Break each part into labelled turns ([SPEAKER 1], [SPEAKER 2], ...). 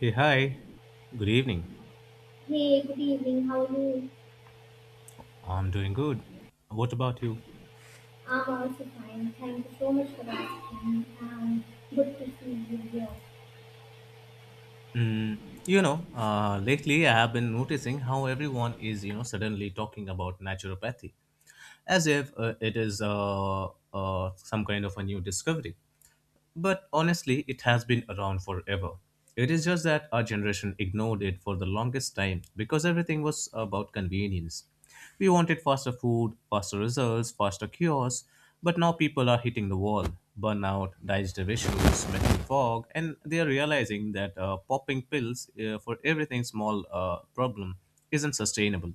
[SPEAKER 1] Hey, hi. Good evening.
[SPEAKER 2] Hey, good evening. How are you?
[SPEAKER 1] I'm doing good. What about you?
[SPEAKER 2] I'm also fine. Thank you so much for asking. And good to see you here.
[SPEAKER 1] Mm, lately I have been noticing how everyone is, suddenly talking about naturopathy as if it is some kind of a new discovery. But honestly, it has been around forever. It is just that our generation ignored it for the longest time because everything was about convenience. We wanted faster food, faster results, faster cures, but now people are hitting the wall. Burnout, digestive issues, mental fog, and they are realizing that popping pills for everything small problem isn't sustainable.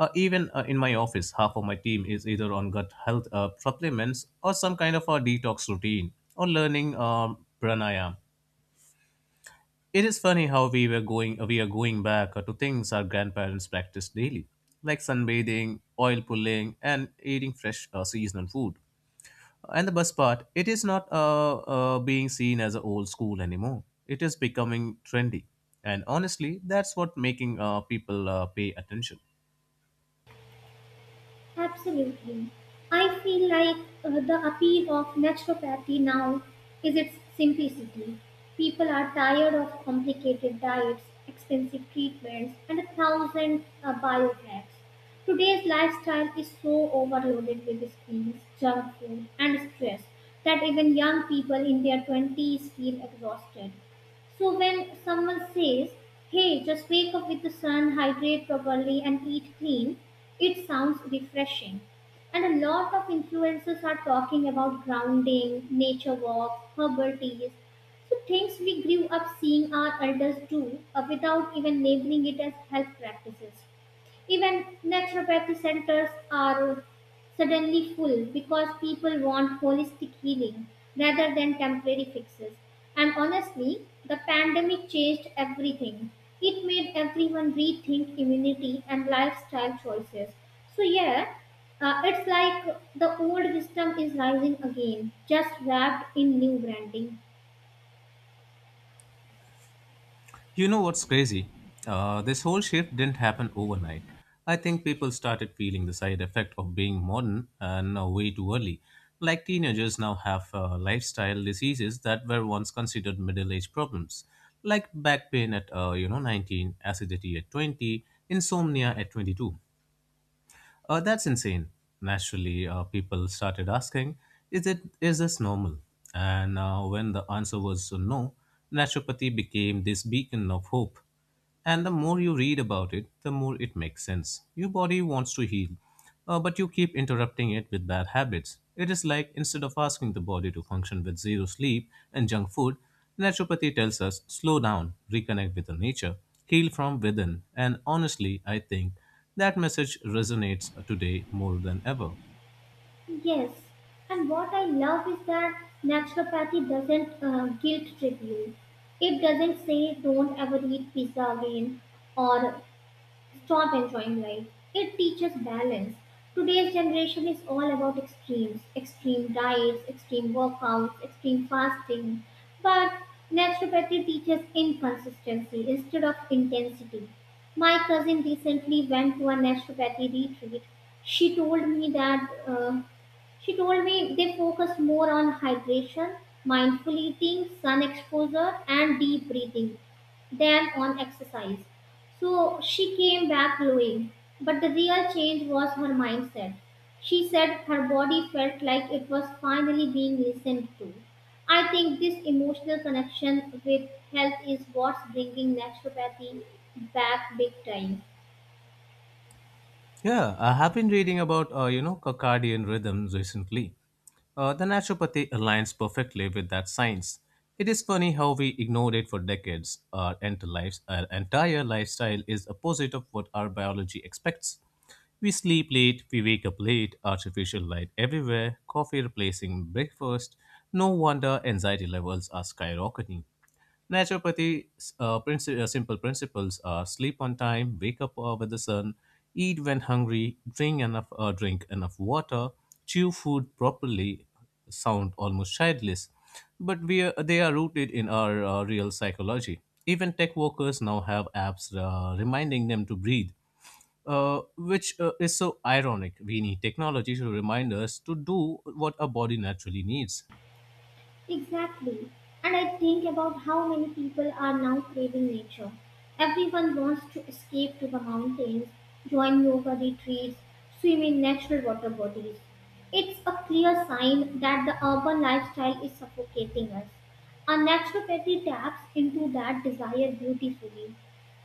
[SPEAKER 1] Even in my office, half of my team is either on gut health supplements or some kind of a detox routine or learning pranayam. It is funny how we are going back to things our grandparents practiced daily, like sunbathing, oil pulling, and eating fresh seasonal food. And the best part, it is not being seen as a old school anymore. It is becoming trendy, and honestly, that's what making people pay attention.
[SPEAKER 2] Absolutely. I feel like the appeal of naturopathy now is its simplicity. People are tired of complicated diets, expensive treatments, and a thousand biohacks. Today's lifestyle is so overloaded with screens, junk food, and stress that even young people in their 20s feel exhausted. So when someone says, hey, just wake up with the sun, hydrate properly, and eat clean, it sounds refreshing. And a lot of influencers are talking about grounding, nature walks, herbal teas. So things we grew up seeing our elders do without even labeling it as health practices. Even naturopathy centers are suddenly full because people want holistic healing rather than temporary fixes. And honestly, the pandemic changed everything. It made everyone rethink immunity and lifestyle choices. So, yeah, it's like the old wisdom is rising again, just wrapped in new branding.
[SPEAKER 1] You know what's crazy? This whole shift didn't happen overnight. I think people started feeling the side effect of being modern and way too early. Like teenagers now have lifestyle diseases that were once considered middle-age problems, like back pain at you know 19, acidity at 20, insomnia at 22. That's insane. Naturally, people started asking, "Is it is this normal?" And when the answer was no, naturopathy became this beacon of hope. And the more you read about it, the more it makes sense. Your body wants to heal, but you keep interrupting it with bad habits. It is like instead of asking the body to function with zero sleep and junk food, naturopathy tells us slow down, reconnect with the nature, heal from within. And honestly, I think that message resonates today more than ever.
[SPEAKER 2] Yes, and what I love is that naturopathy doesn't guilt trip you. It doesn't say don't ever eat pizza again or stop enjoying life. It teaches balance. Today's generation is all about extremes: extreme diets, extreme workouts, extreme fasting. But naturopathy teaches inconsistency instead of intensity. My cousin recently went to a naturopathy retreat. She told me that uh, she told me they focus more on hydration, mindful eating, sun exposure, and deep breathing than on exercise. So she came back glowing. But the real change was her mindset. She said her body felt like it was finally being listened to. I think this emotional connection with health is what's bringing naturopathy back big time.
[SPEAKER 1] Yeah, I have been reading about circadian rhythms recently. The naturopathy aligns perfectly with that science. It is funny how we ignored it for decades. Our entire lifestyle is opposite of what our biology expects. We sleep late, we wake up late, artificial light everywhere, coffee replacing breakfast. No wonder anxiety levels are skyrocketing. Naturopathy's simple principles are sleep on time, wake up with the sun, eat when hungry, drink enough water, chew food properly. Sound almost childish, but they are rooted in our real psychology. Even tech workers now have apps reminding them to breathe which is so ironic. We need technology to remind us to do what our body naturally needs.
[SPEAKER 2] Exactly. And I think about how many people are now craving nature. Everyone wants to escape to the mountains, join yoga retreats, swim in natural water bodies. It's a clear sign that the urban lifestyle is suffocating us. Our naturopathy taps into that desire beautifully.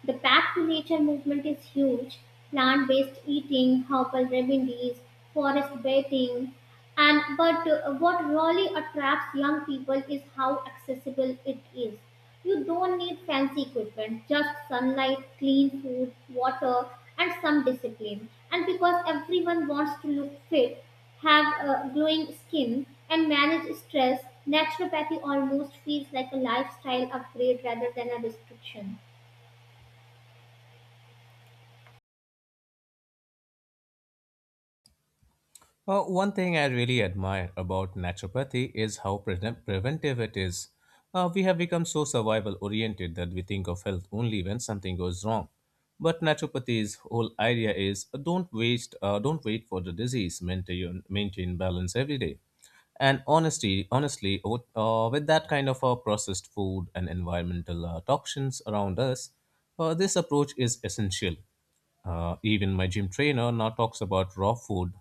[SPEAKER 2] The Back to Nature movement is huge. Plant based eating, herbal remedies, forest bathing. And but what really attracts young people is how accessible it is. You don't need fancy equipment, just sunlight, clean food, water, and some discipline. And because everyone wants to look fit, have glowing skin, and manage stress, naturopathy almost feels like a lifestyle upgrade rather than a restriction.
[SPEAKER 1] Well, one thing I really admire about naturopathy is how preventive it is. We have become so survival oriented that we think of health only when something goes wrong. But naturopathy's whole idea is don't wait for the disease, maintain balance every day. And honestly, with that kind of processed food and environmental toxins around us, this approach is essential. Even my gym trainer now talks about raw food,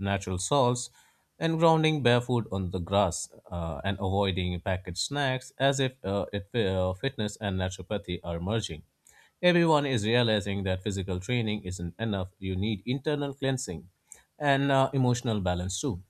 [SPEAKER 1] natural salts, and grounding barefoot on the grass and avoiding packaged snacks as if fitness and naturopathy are merging. Everyone is realizing that physical training isn't enough. You need internal cleansing and emotional balance too.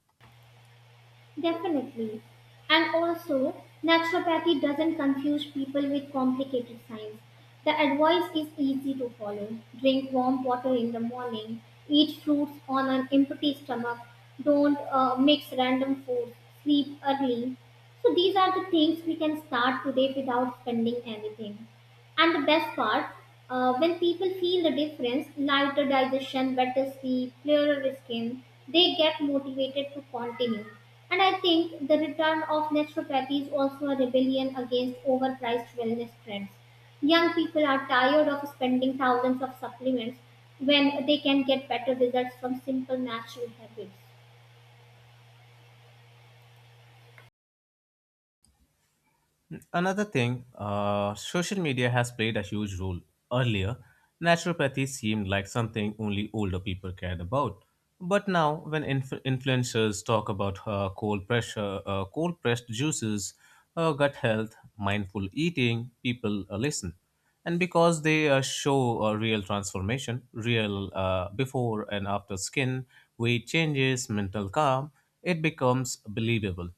[SPEAKER 2] Definitely. And also, naturopathy doesn't confuse people with complicated science. The advice is easy to follow. Drink warm water in the morning, eat fruits on an empty stomach, don't mix random foods, sleep early. So, these are the things we can start today without spending anything. And the best part, when people feel the difference, lighter digestion, better sleep, clearer skin, they get motivated to continue. And I think the return of naturopathy is also a rebellion against overpriced wellness trends. Young people are tired of spending thousands of supplements when they can get better results from simple natural habits.
[SPEAKER 1] Another thing, social media has played a huge role. Earlier, naturopathy seemed like something only older people cared about. But now, when influencers talk about cold pressed juices, gut health, mindful eating, people listen. And because they show a real transformation, real before and after skin, weight changes, mental calm, it becomes believable.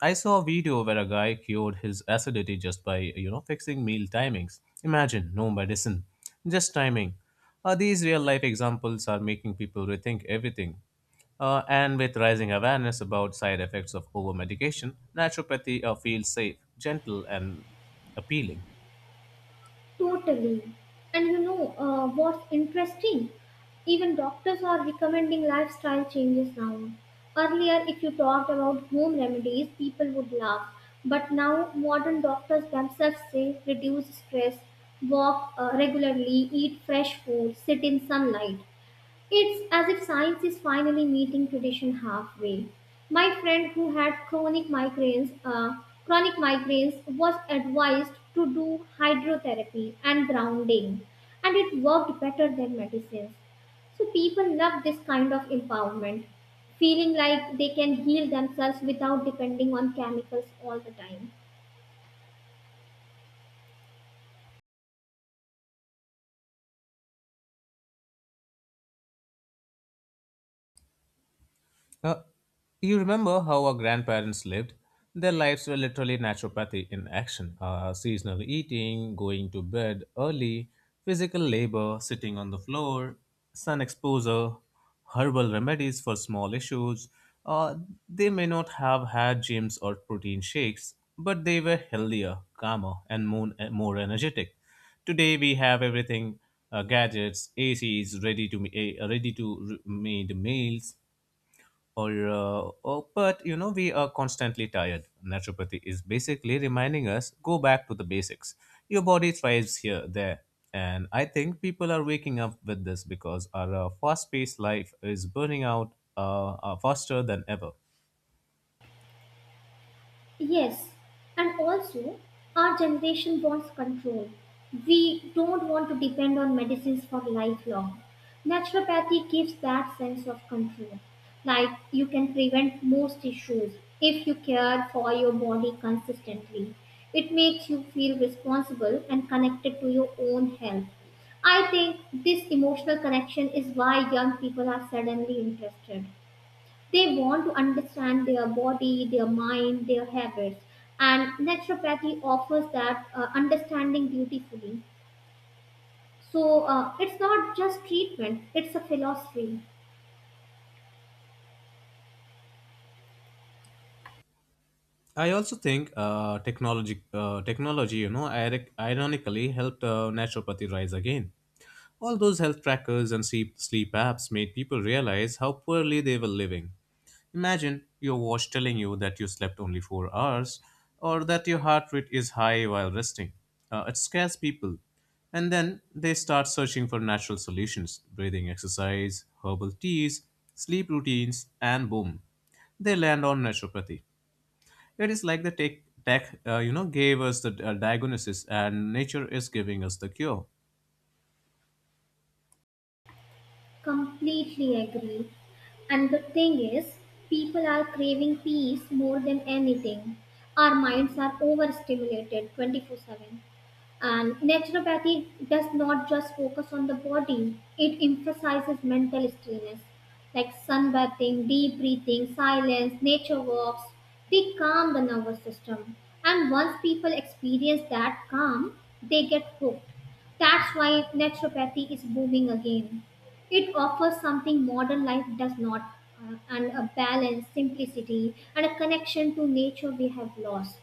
[SPEAKER 1] I saw a video where a guy cured his acidity just by, fixing meal timings. Imagine, no medicine, just timing. These real life examples are making people rethink everything. And with rising awareness about side effects of over medication, naturopathy feels safe, gentle, and appealing.
[SPEAKER 2] Totally. And you know what's interesting? Even doctors are recommending lifestyle changes now. Earlier, if you talked about home remedies, people would laugh. But now, modern doctors themselves say reduce stress, walk regularly, eat fresh food, sit in sunlight. It's as if science is finally meeting tradition halfway. My friend who had chronic migraines was advised to do hydrotherapy and grounding, and it worked better than medicines. So people love this kind of empowerment, feeling like they can heal themselves without depending on chemicals all the time.
[SPEAKER 1] Uh, you remember how our grandparents lived? Their lives were literally naturopathy in action seasonal eating, going to bed early, physical labor, sitting on the floor, sun exposure, herbal remedies for small issues. Uh, they may not have had gyms or protein shakes, but they were healthier, calmer, and more energetic. Today we have everything gadgets, ACs, ready to me- eh, ready to re- made meals, or but you know we are constantly tired. Naturopathy is basically reminding us go back to the basics. Your body thrives here there, and I think people are waking up with this because our fast-paced life is burning out faster than ever.
[SPEAKER 2] Yes, and also our generation wants control. We don't want to depend on medicines for lifelong. Naturopathy gives that sense of control. Like you can prevent most issues if you care for your body consistently. It makes you feel responsible and connected to your own health. I think this emotional connection is why young people are suddenly interested. They want to understand their body, their mind, their habits, and naturopathy offers that understanding beautifully. So it's not just treatment, it's a philosophy.
[SPEAKER 1] I also think technology you know ironically helped naturopathy rise again. All those health trackers and sleep apps made people realize how poorly they were living. Imagine your watch telling you that you slept only 4 hours or that your heart rate is high while resting. It scares people. And then they start searching for natural solutions breathing exercise, herbal teas, sleep routines, and boom, they land on naturopathy. It is like the tech gave us the diagnosis and nature is giving us the cure.
[SPEAKER 2] Completely agree. And the thing is, people are craving peace more than anything. Our minds are overstimulated 24/7. And naturopathy does not just focus on the body, it emphasizes mental stillness like sunbathing, deep breathing, silence, nature walks. They calm the nervous system. And once people experience that calm, they get hooked. That's why naturopathy is booming again. It offers something modern life does not, and a balance, simplicity, and a connection to nature we have lost.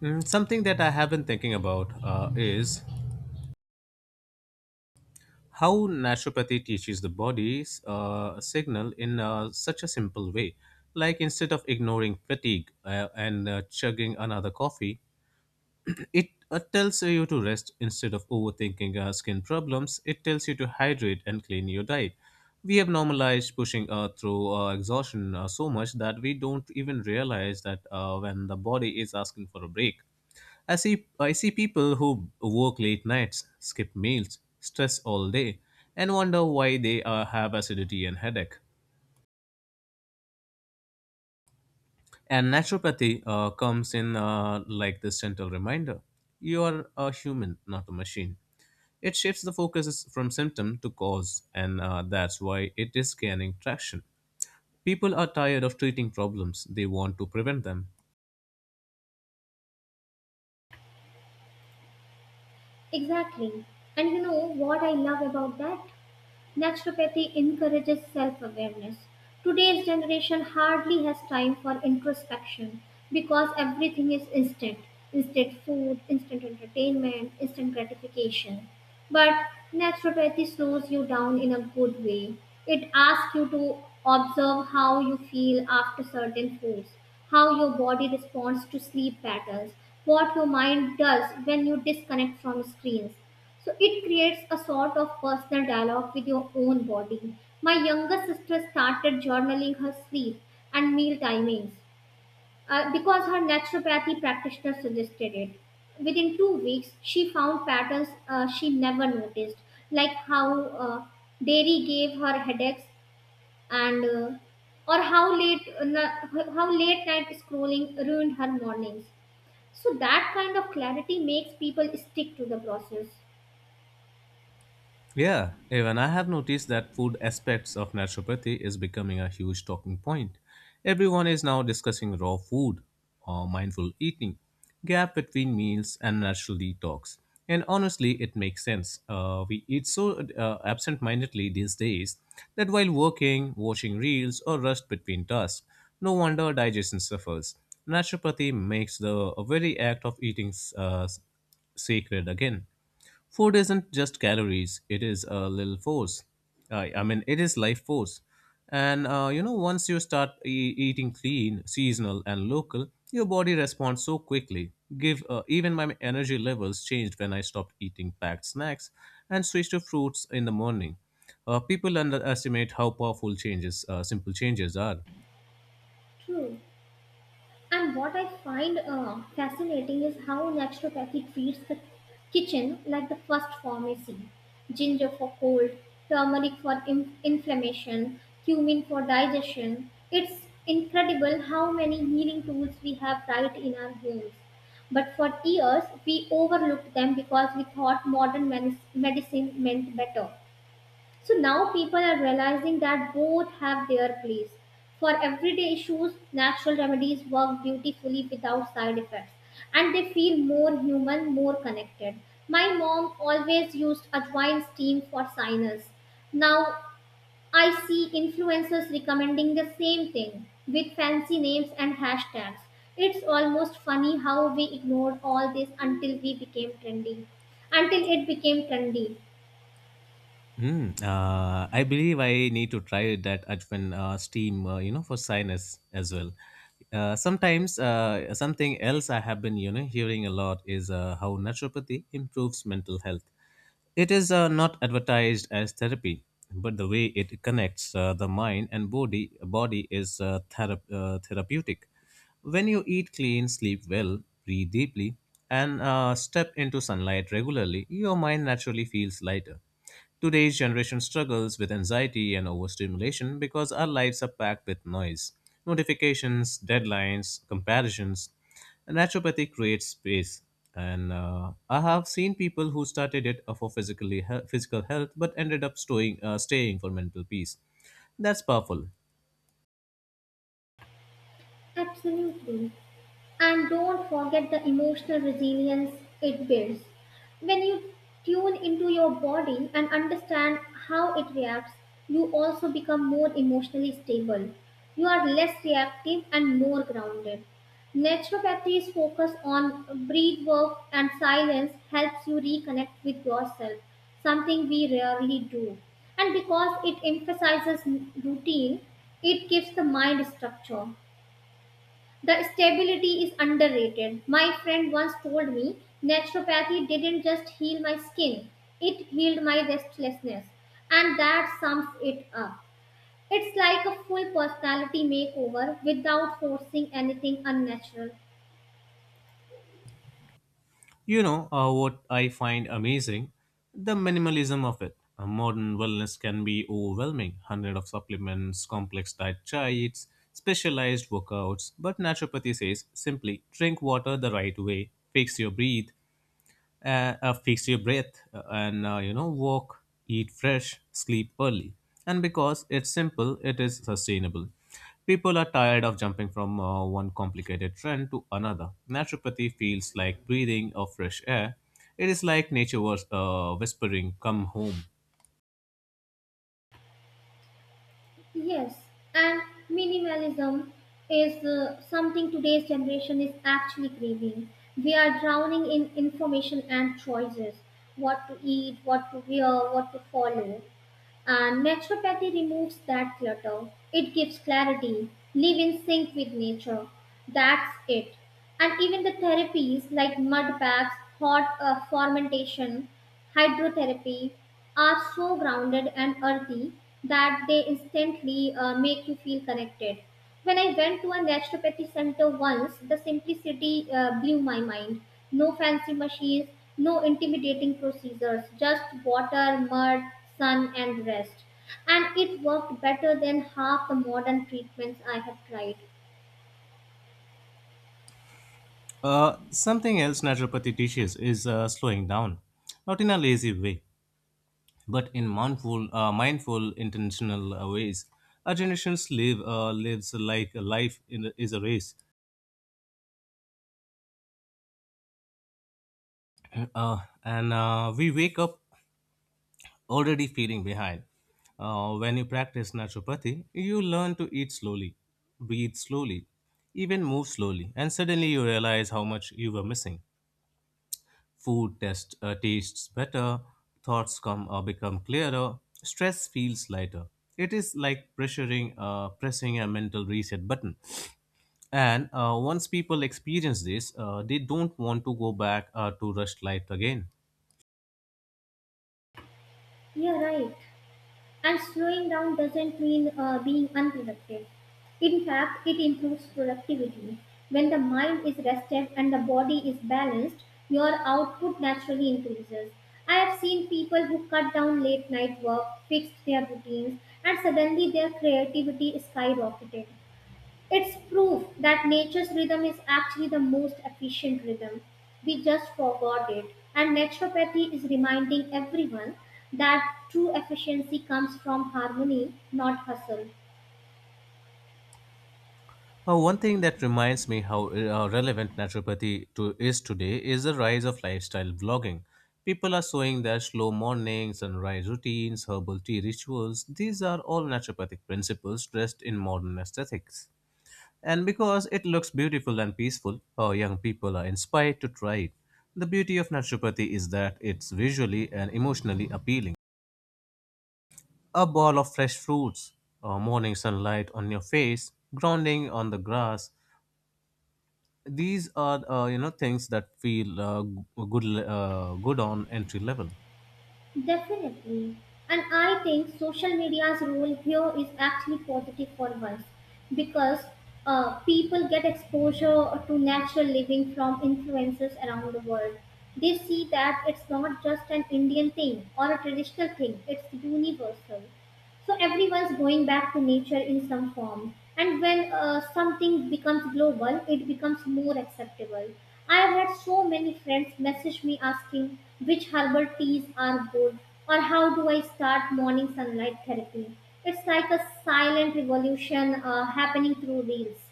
[SPEAKER 1] Something that I have been thinking about is how naturopathy teaches the body's signal in such a simple way. Like instead of ignoring fatigue and chugging another coffee, it tells you to rest instead of overthinking skin problems. It tells you to hydrate and clean your diet. We have normalized pushing through exhaustion so much that we don't even realize that when the body is asking for a break. I see people who work late nights, skip meals, stress all day, and wonder why they have acidity and headache. And naturopathy comes in like this gentle reminder. You are a human, not a machine. It shifts the focus from symptom to cause, and that's why it is gaining traction. People are tired of treating problems, they want to prevent them.
[SPEAKER 2] Exactly. And you know what I love about that? Naturopathy encourages self awareness. Today's generation hardly has time for introspection because everything is instant: instant food, instant entertainment, instant gratification. But naturopathy slows you down in a good way. It asks you to observe how you feel after certain foods, how your body responds to sleep patterns, what your mind does when you disconnect from screens, so it creates a sort of personal dialogue with your own body. My younger sister started journaling her sleep and meal timings because her naturopathy practitioner suggested it. Within 2 weeks, she found patterns she never noticed, like how dairy gave her headaches and or how late night scrolling ruined her mornings. So that kind of clarity makes people stick to the process.
[SPEAKER 1] Yeah, even I have noticed that food aspects of naturopathy is becoming a huge talking point. Everyone is now discussing raw food or mindful eating, gap between meals, and natural detox. And honestly, it makes sense. We eat so absent mindedly these days that while working, watching reels, or rest between tasks, no wonder digestion suffers. Naturopathy makes the very act of eating sacred again. Food isn't just calories, it is a little force. I mean, it is life force. And once you start eating clean, seasonal, and local, your body responds so quickly. Give Even my energy levels changed when I stopped eating packed snacks and switched to fruits in the morning. People underestimate how powerful simple changes are.
[SPEAKER 2] True. And what I find fascinating is how naturopathy treats the kitchen like the first pharmacy. Ginger for cold, turmeric for inflammation, cumin for digestion. It's incredible how many healing tools we have right in our homes. But for years, we overlooked them because we thought medicine meant better. So now people are realizing that both have their place. For everyday issues, natural remedies work beautifully without side effects and they feel more human, more connected. My mom always used advine steam for sinus. Now I see influencers recommending the same thing with fancy names and hashtags. It's almost funny how we ignored all this until we became trendy. Until it became trendy.
[SPEAKER 1] I believe I need to try that Ajwan steam, for sinus as well. Sometimes Something else I have been, hearing a lot is how naturopathy improves mental health. It is not advertised as therapy, but the way it connects the mind and body is therapeutic. When you eat clean, sleep well, breathe deeply, and step into sunlight regularly, your mind naturally feels lighter. Today's generation struggles with anxiety and overstimulation because our lives are packed with noise, notifications, deadlines, comparisons. Naturopathy creates space. And I have seen people who started it for physical health but ended up staying for mental peace. That's powerful.
[SPEAKER 2] Absolutely. And don't forget the emotional resilience it builds. When you tune into your body and understand how it reacts, you also become more emotionally stable. You are less reactive and more grounded. Naturopathy's focus on breath work and silence helps you reconnect with yourself, something we rarely do. And because it emphasizes routine, it gives the mind structure. The stability is underrated. My friend once told me naturopathy didn't just heal my skin, it healed my restlessness. And that sums it up. It's like a full personality makeover without forcing anything unnatural.
[SPEAKER 1] You know what I find amazing? The minimalism of it. A modern wellness can be overwhelming. Hundred of supplements, complex diet charts, specialized workouts. But naturopathy says simply drink water the right way, fix your breath and walk eat fresh sleep early, and because it's simple it is sustainable. People are tired of jumping from one complicated trend to another. Naturopathy feels like breathing of fresh air. It is like nature was whispering come home.
[SPEAKER 2] Yes, and minimalism is something today's generation is actually craving. We are drowning in information and choices: what to eat, what to wear, what to follow. And naturopathy removes that clutter. It gives clarity. Live in sync with nature. That's it. And even the therapies like mud baths, hot fermentation, hydrotherapy are so grounded and earthy that they instantly make you feel connected. When I went to a naturopathy center once, the simplicity blew my mind. No fancy machines, no intimidating procedures, just water, mud, sun, and rest. And it worked better than half the modern treatments I have tried.
[SPEAKER 1] Something else naturopathy teaches is slowing down, not in a lazy way but in mindful intentional ways. Our generations live lives like a life is a race, and we wake up already feeling behind. When you practice naturopathy, you learn to eat slowly, breathe slowly, even move slowly, and suddenly you realize how much you were missing. Food tastes better, thoughts come become clearer, stress feels lighter. It is like pressing a mental reset button. And Once people experience this, they don't want to go back to rushed life again.
[SPEAKER 2] Yeah, right. And slowing down doesn't mean being unproductive. In fact, it improves productivity. When the mind is rested and the body is balanced, your output naturally increases. I have seen people who cut down late night work, fixed their routines, and suddenly their creativity skyrocketed. It's proof that nature's rhythm is actually the most efficient rhythm. We just forgot it. And naturopathy is reminding everyone that true efficiency comes from harmony, not hustle.
[SPEAKER 1] One thing that reminds me how relevant naturopathy is today is the rise of lifestyle vlogging. People are showing their slow mornings, sunrise routines, herbal tea rituals. These are all naturopathic principles dressed in modern aesthetics. And because it looks beautiful and peaceful, young people are inspired to try it. The beauty of naturopathy is that it's visually and emotionally appealing. A ball of fresh fruits, morning sunlight on your face, grounding on the grass. These are you know things that feel good good on entry level.
[SPEAKER 2] Definitely. And I think social media's role here is actually positive for us because people get exposure to natural living from influencers around the world. They see that it's not just an Indian thing or a traditional thing, it's universal. So everyone's going back to nature in some form, and when something becomes global it becomes more acceptable. I have had so many friends message me asking which herbal teas are good or how do I start morning sunlight therapy. It's like a silent revolution happening through reels.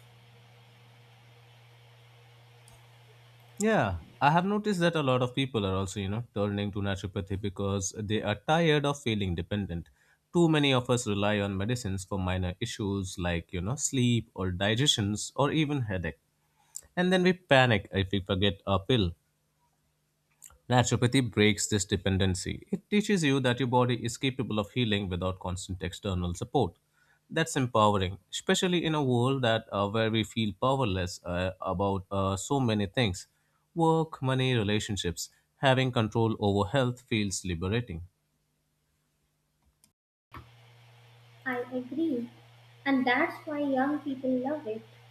[SPEAKER 1] Yeah, I have noticed that a lot of people are also, you know, turning to naturopathy because they are tired of feeling dependent. Too many of us rely on medicines for minor issues like, you know, sleep or digestions or even headache. And then we panic if we forget our pill. Naturopathy breaks this dependency. It teaches you that your body is capable of healing without constant external support. That's empowering, especially in a world that where we feel powerless about so many things. Work, money, relationships. Having control over health feels liberating.
[SPEAKER 2] I agree, and that's why young people love it.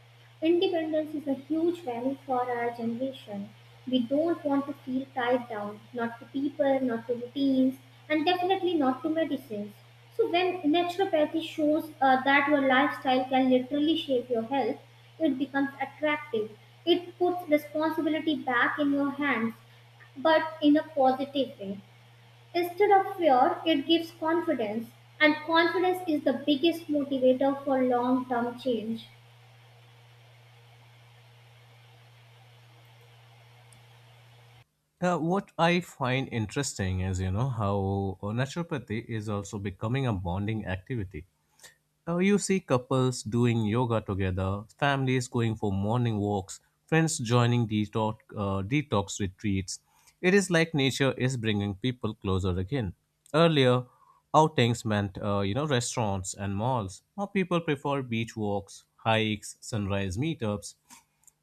[SPEAKER 2] Independence is a huge value for our generation. We don't want to feel tied down, not to people, not to routines, and definitely not to medicines. So, when naturopathy shows that your lifestyle can literally shape your health, it becomes attractive. It puts responsibility back in your hands, but in a positive way. Instead of fear, it gives confidence, and confidence is the biggest motivator for long term change.
[SPEAKER 1] What I find interesting is, you know, how naturopathy is also becoming a bonding activity. You see couples doing yoga together, families going for morning walks, friends joining detox retreats. It is like nature is bringing people closer again. Earlier, outings meant you know restaurants and malls. Now people prefer beach walks, hikes, sunrise meetups.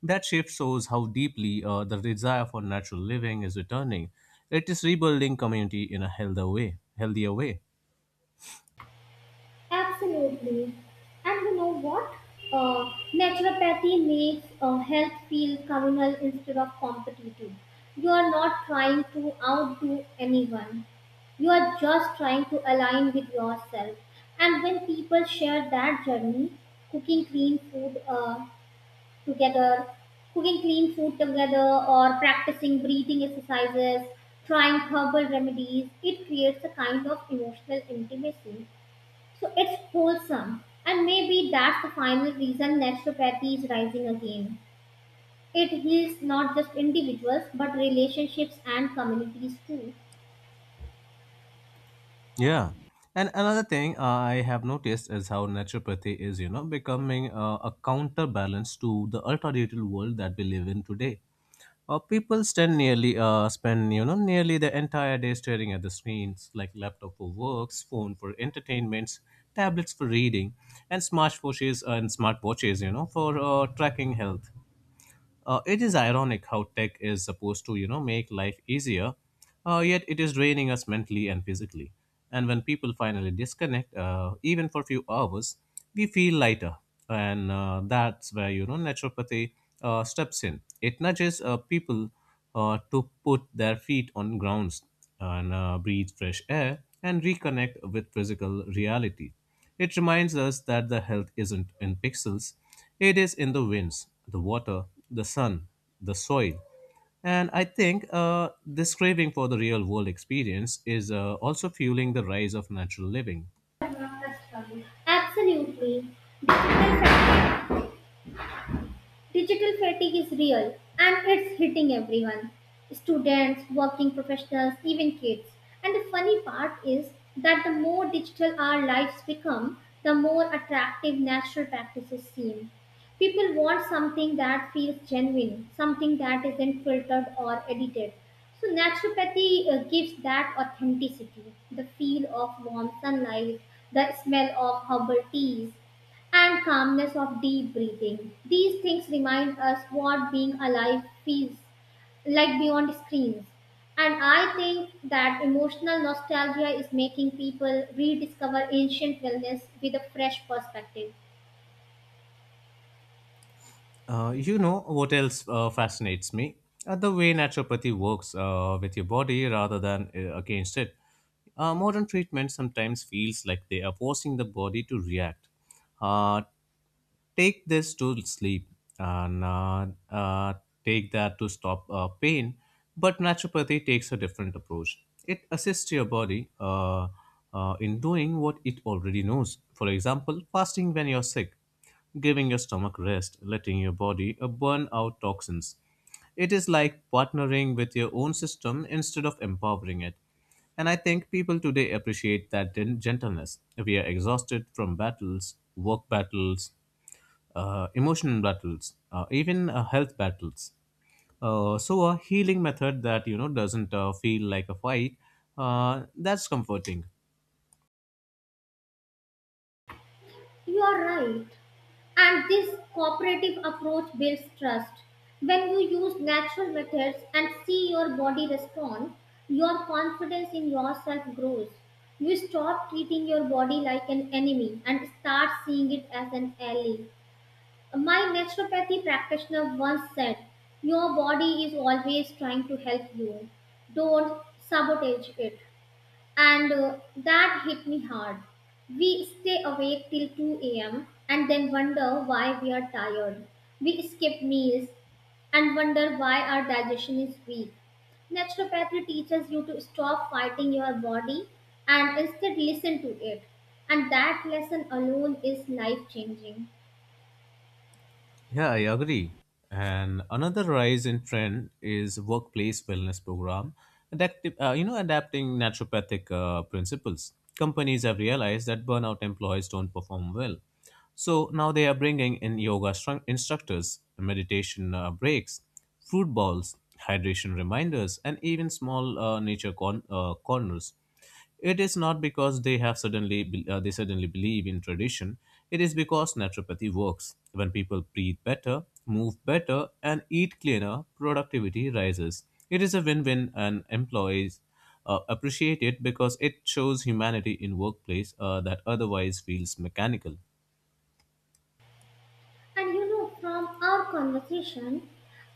[SPEAKER 1] That shift shows how deeply the desire for natural living is returning. It is rebuilding community in a healthier way. Healthier way.
[SPEAKER 2] Absolutely. And you know what? Naturopathy makes health feel communal instead of competitive. You are not trying to outdo anyone. You are just trying to align with yourself. And when people share that journey, cooking clean food uh, together, cooking clean food together, or practicing breathing exercises, trying herbal remedies, it creates a kind of emotional intimacy, so it's wholesome. And maybe that's the final reason naturopathy is rising again. It heals not just individuals but relationships and communities too.
[SPEAKER 1] Yeah. And another thing I have noticed is how naturopathy is, you know, becoming a counterbalance to the ultra digital world that we live in today. Spend, you know, nearly the entire day staring at the screens, like laptop for works, phone for entertainments, tablets for reading, and smartwatches, you know, for tracking health. It is ironic how tech is supposed to, you know, make life easier, yet it is draining us mentally and physically. And when people finally disconnect, even for a few hours, we feel lighter. And that's where, you know, naturopathy steps in. It nudges people to put their feet on grounds and breathe fresh air and reconnect with physical reality. It reminds us that the health isn't in pixels, it is in the winds, the water, the sun, the soil. And I think this craving for the real world experience is also fueling the rise of natural living.
[SPEAKER 2] Absolutely. Digital fatigue is real and it's hitting everyone: students, working professionals, even kids. And the funny part is that the more digital our lives become, the more attractive natural practices seem. People want something that feels genuine, something that isn't filtered or edited. So, naturopathy gives that authenticity: the feel of warm sunlight, the smell of herbal teas, and calmness of deep breathing. These things remind us what being alive feels like beyond screens. And I think that emotional nostalgia is making people rediscover ancient wellness with a fresh perspective.
[SPEAKER 1] You know what else fascinates me? The way naturopathy works with your body rather than against it. Modern treatment sometimes feels like they are forcing the body to react, uh, take this to sleep and take that to stop pain. But naturopathy takes a different approach. It assists your body in doing what it already knows. For example, fasting when you're sick, giving your stomach rest, letting your body burn out toxins. It is like partnering with your own system instead of empowering it. And I think people today appreciate that gentleness. We are exhausted from battles, work battles, emotional battles, even health battles. So a healing method that you know doesn't feel like a fight. That's comforting.
[SPEAKER 2] You are right. And this cooperative approach builds trust. When you use natural methods and see your body respond, your confidence in yourself grows. You stop treating your body like an enemy and start seeing it as an ally. My naturopathy practitioner once said, "Your body is always trying to help you. Don't sabotage it," and that hit me hard. We stay awake till 2 a.m. and then wonder why we are tired. We skip meals and wonder why our digestion is weak. Naturopathy teaches you to stop fighting your body and instead listen to it. And that lesson alone is life changing.
[SPEAKER 1] Yeah, I agree. And another rise in trend is workplace wellness program, you know, adapting naturopathic principles. Companies have realized that burnout employees don't perform well, so now they are bringing in yoga instructors, meditation breaks, fruit balls, hydration reminders, and even small nature corners. It is not because they suddenly believe in tradition. It is because naturopathy works. When people breathe better, move better, and eat cleaner, productivity rises. It is a win-win, and employees appreciate it because it shows humanity in workplace that otherwise feels mechanical.
[SPEAKER 2] And you know, from our conversation,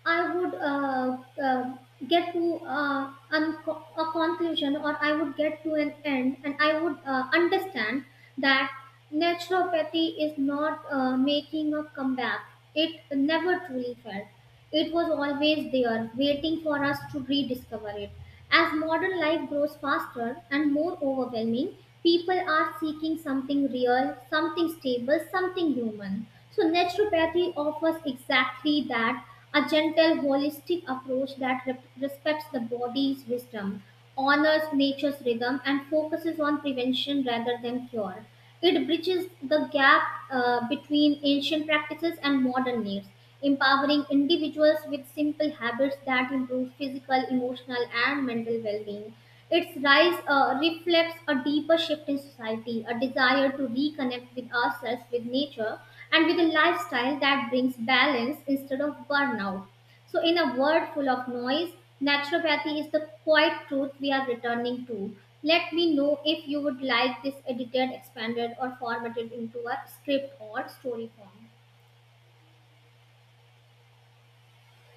[SPEAKER 2] I would a conclusion, or I would get to an end, and I would understand that naturopathy is not making a comeback. It never truly felt. It was always there, waiting for us to rediscover it. As modern life grows faster and more overwhelming, people are seeking something real, something stable, something human. So, naturopathy offers exactly that: a gentle, holistic approach that respects the body's wisdom, honors nature's rhythm, and focuses on prevention rather than cure. It bridges the gap between ancient practices and modern needs, empowering individuals with simple habits that improve physical, emotional, and mental well being. Its rise reflects a deeper shift in society, a desire to reconnect with ourselves, with nature, and with a lifestyle that brings balance instead of burnout. So, in a world full of noise, naturopathy is the quiet truth we are returning to. Let me know if you would like this edited, expanded, or formatted into a script or story form.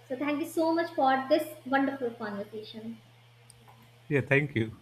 [SPEAKER 2] So, thank you so much for this wonderful conversation.
[SPEAKER 1] Yeah, thank you.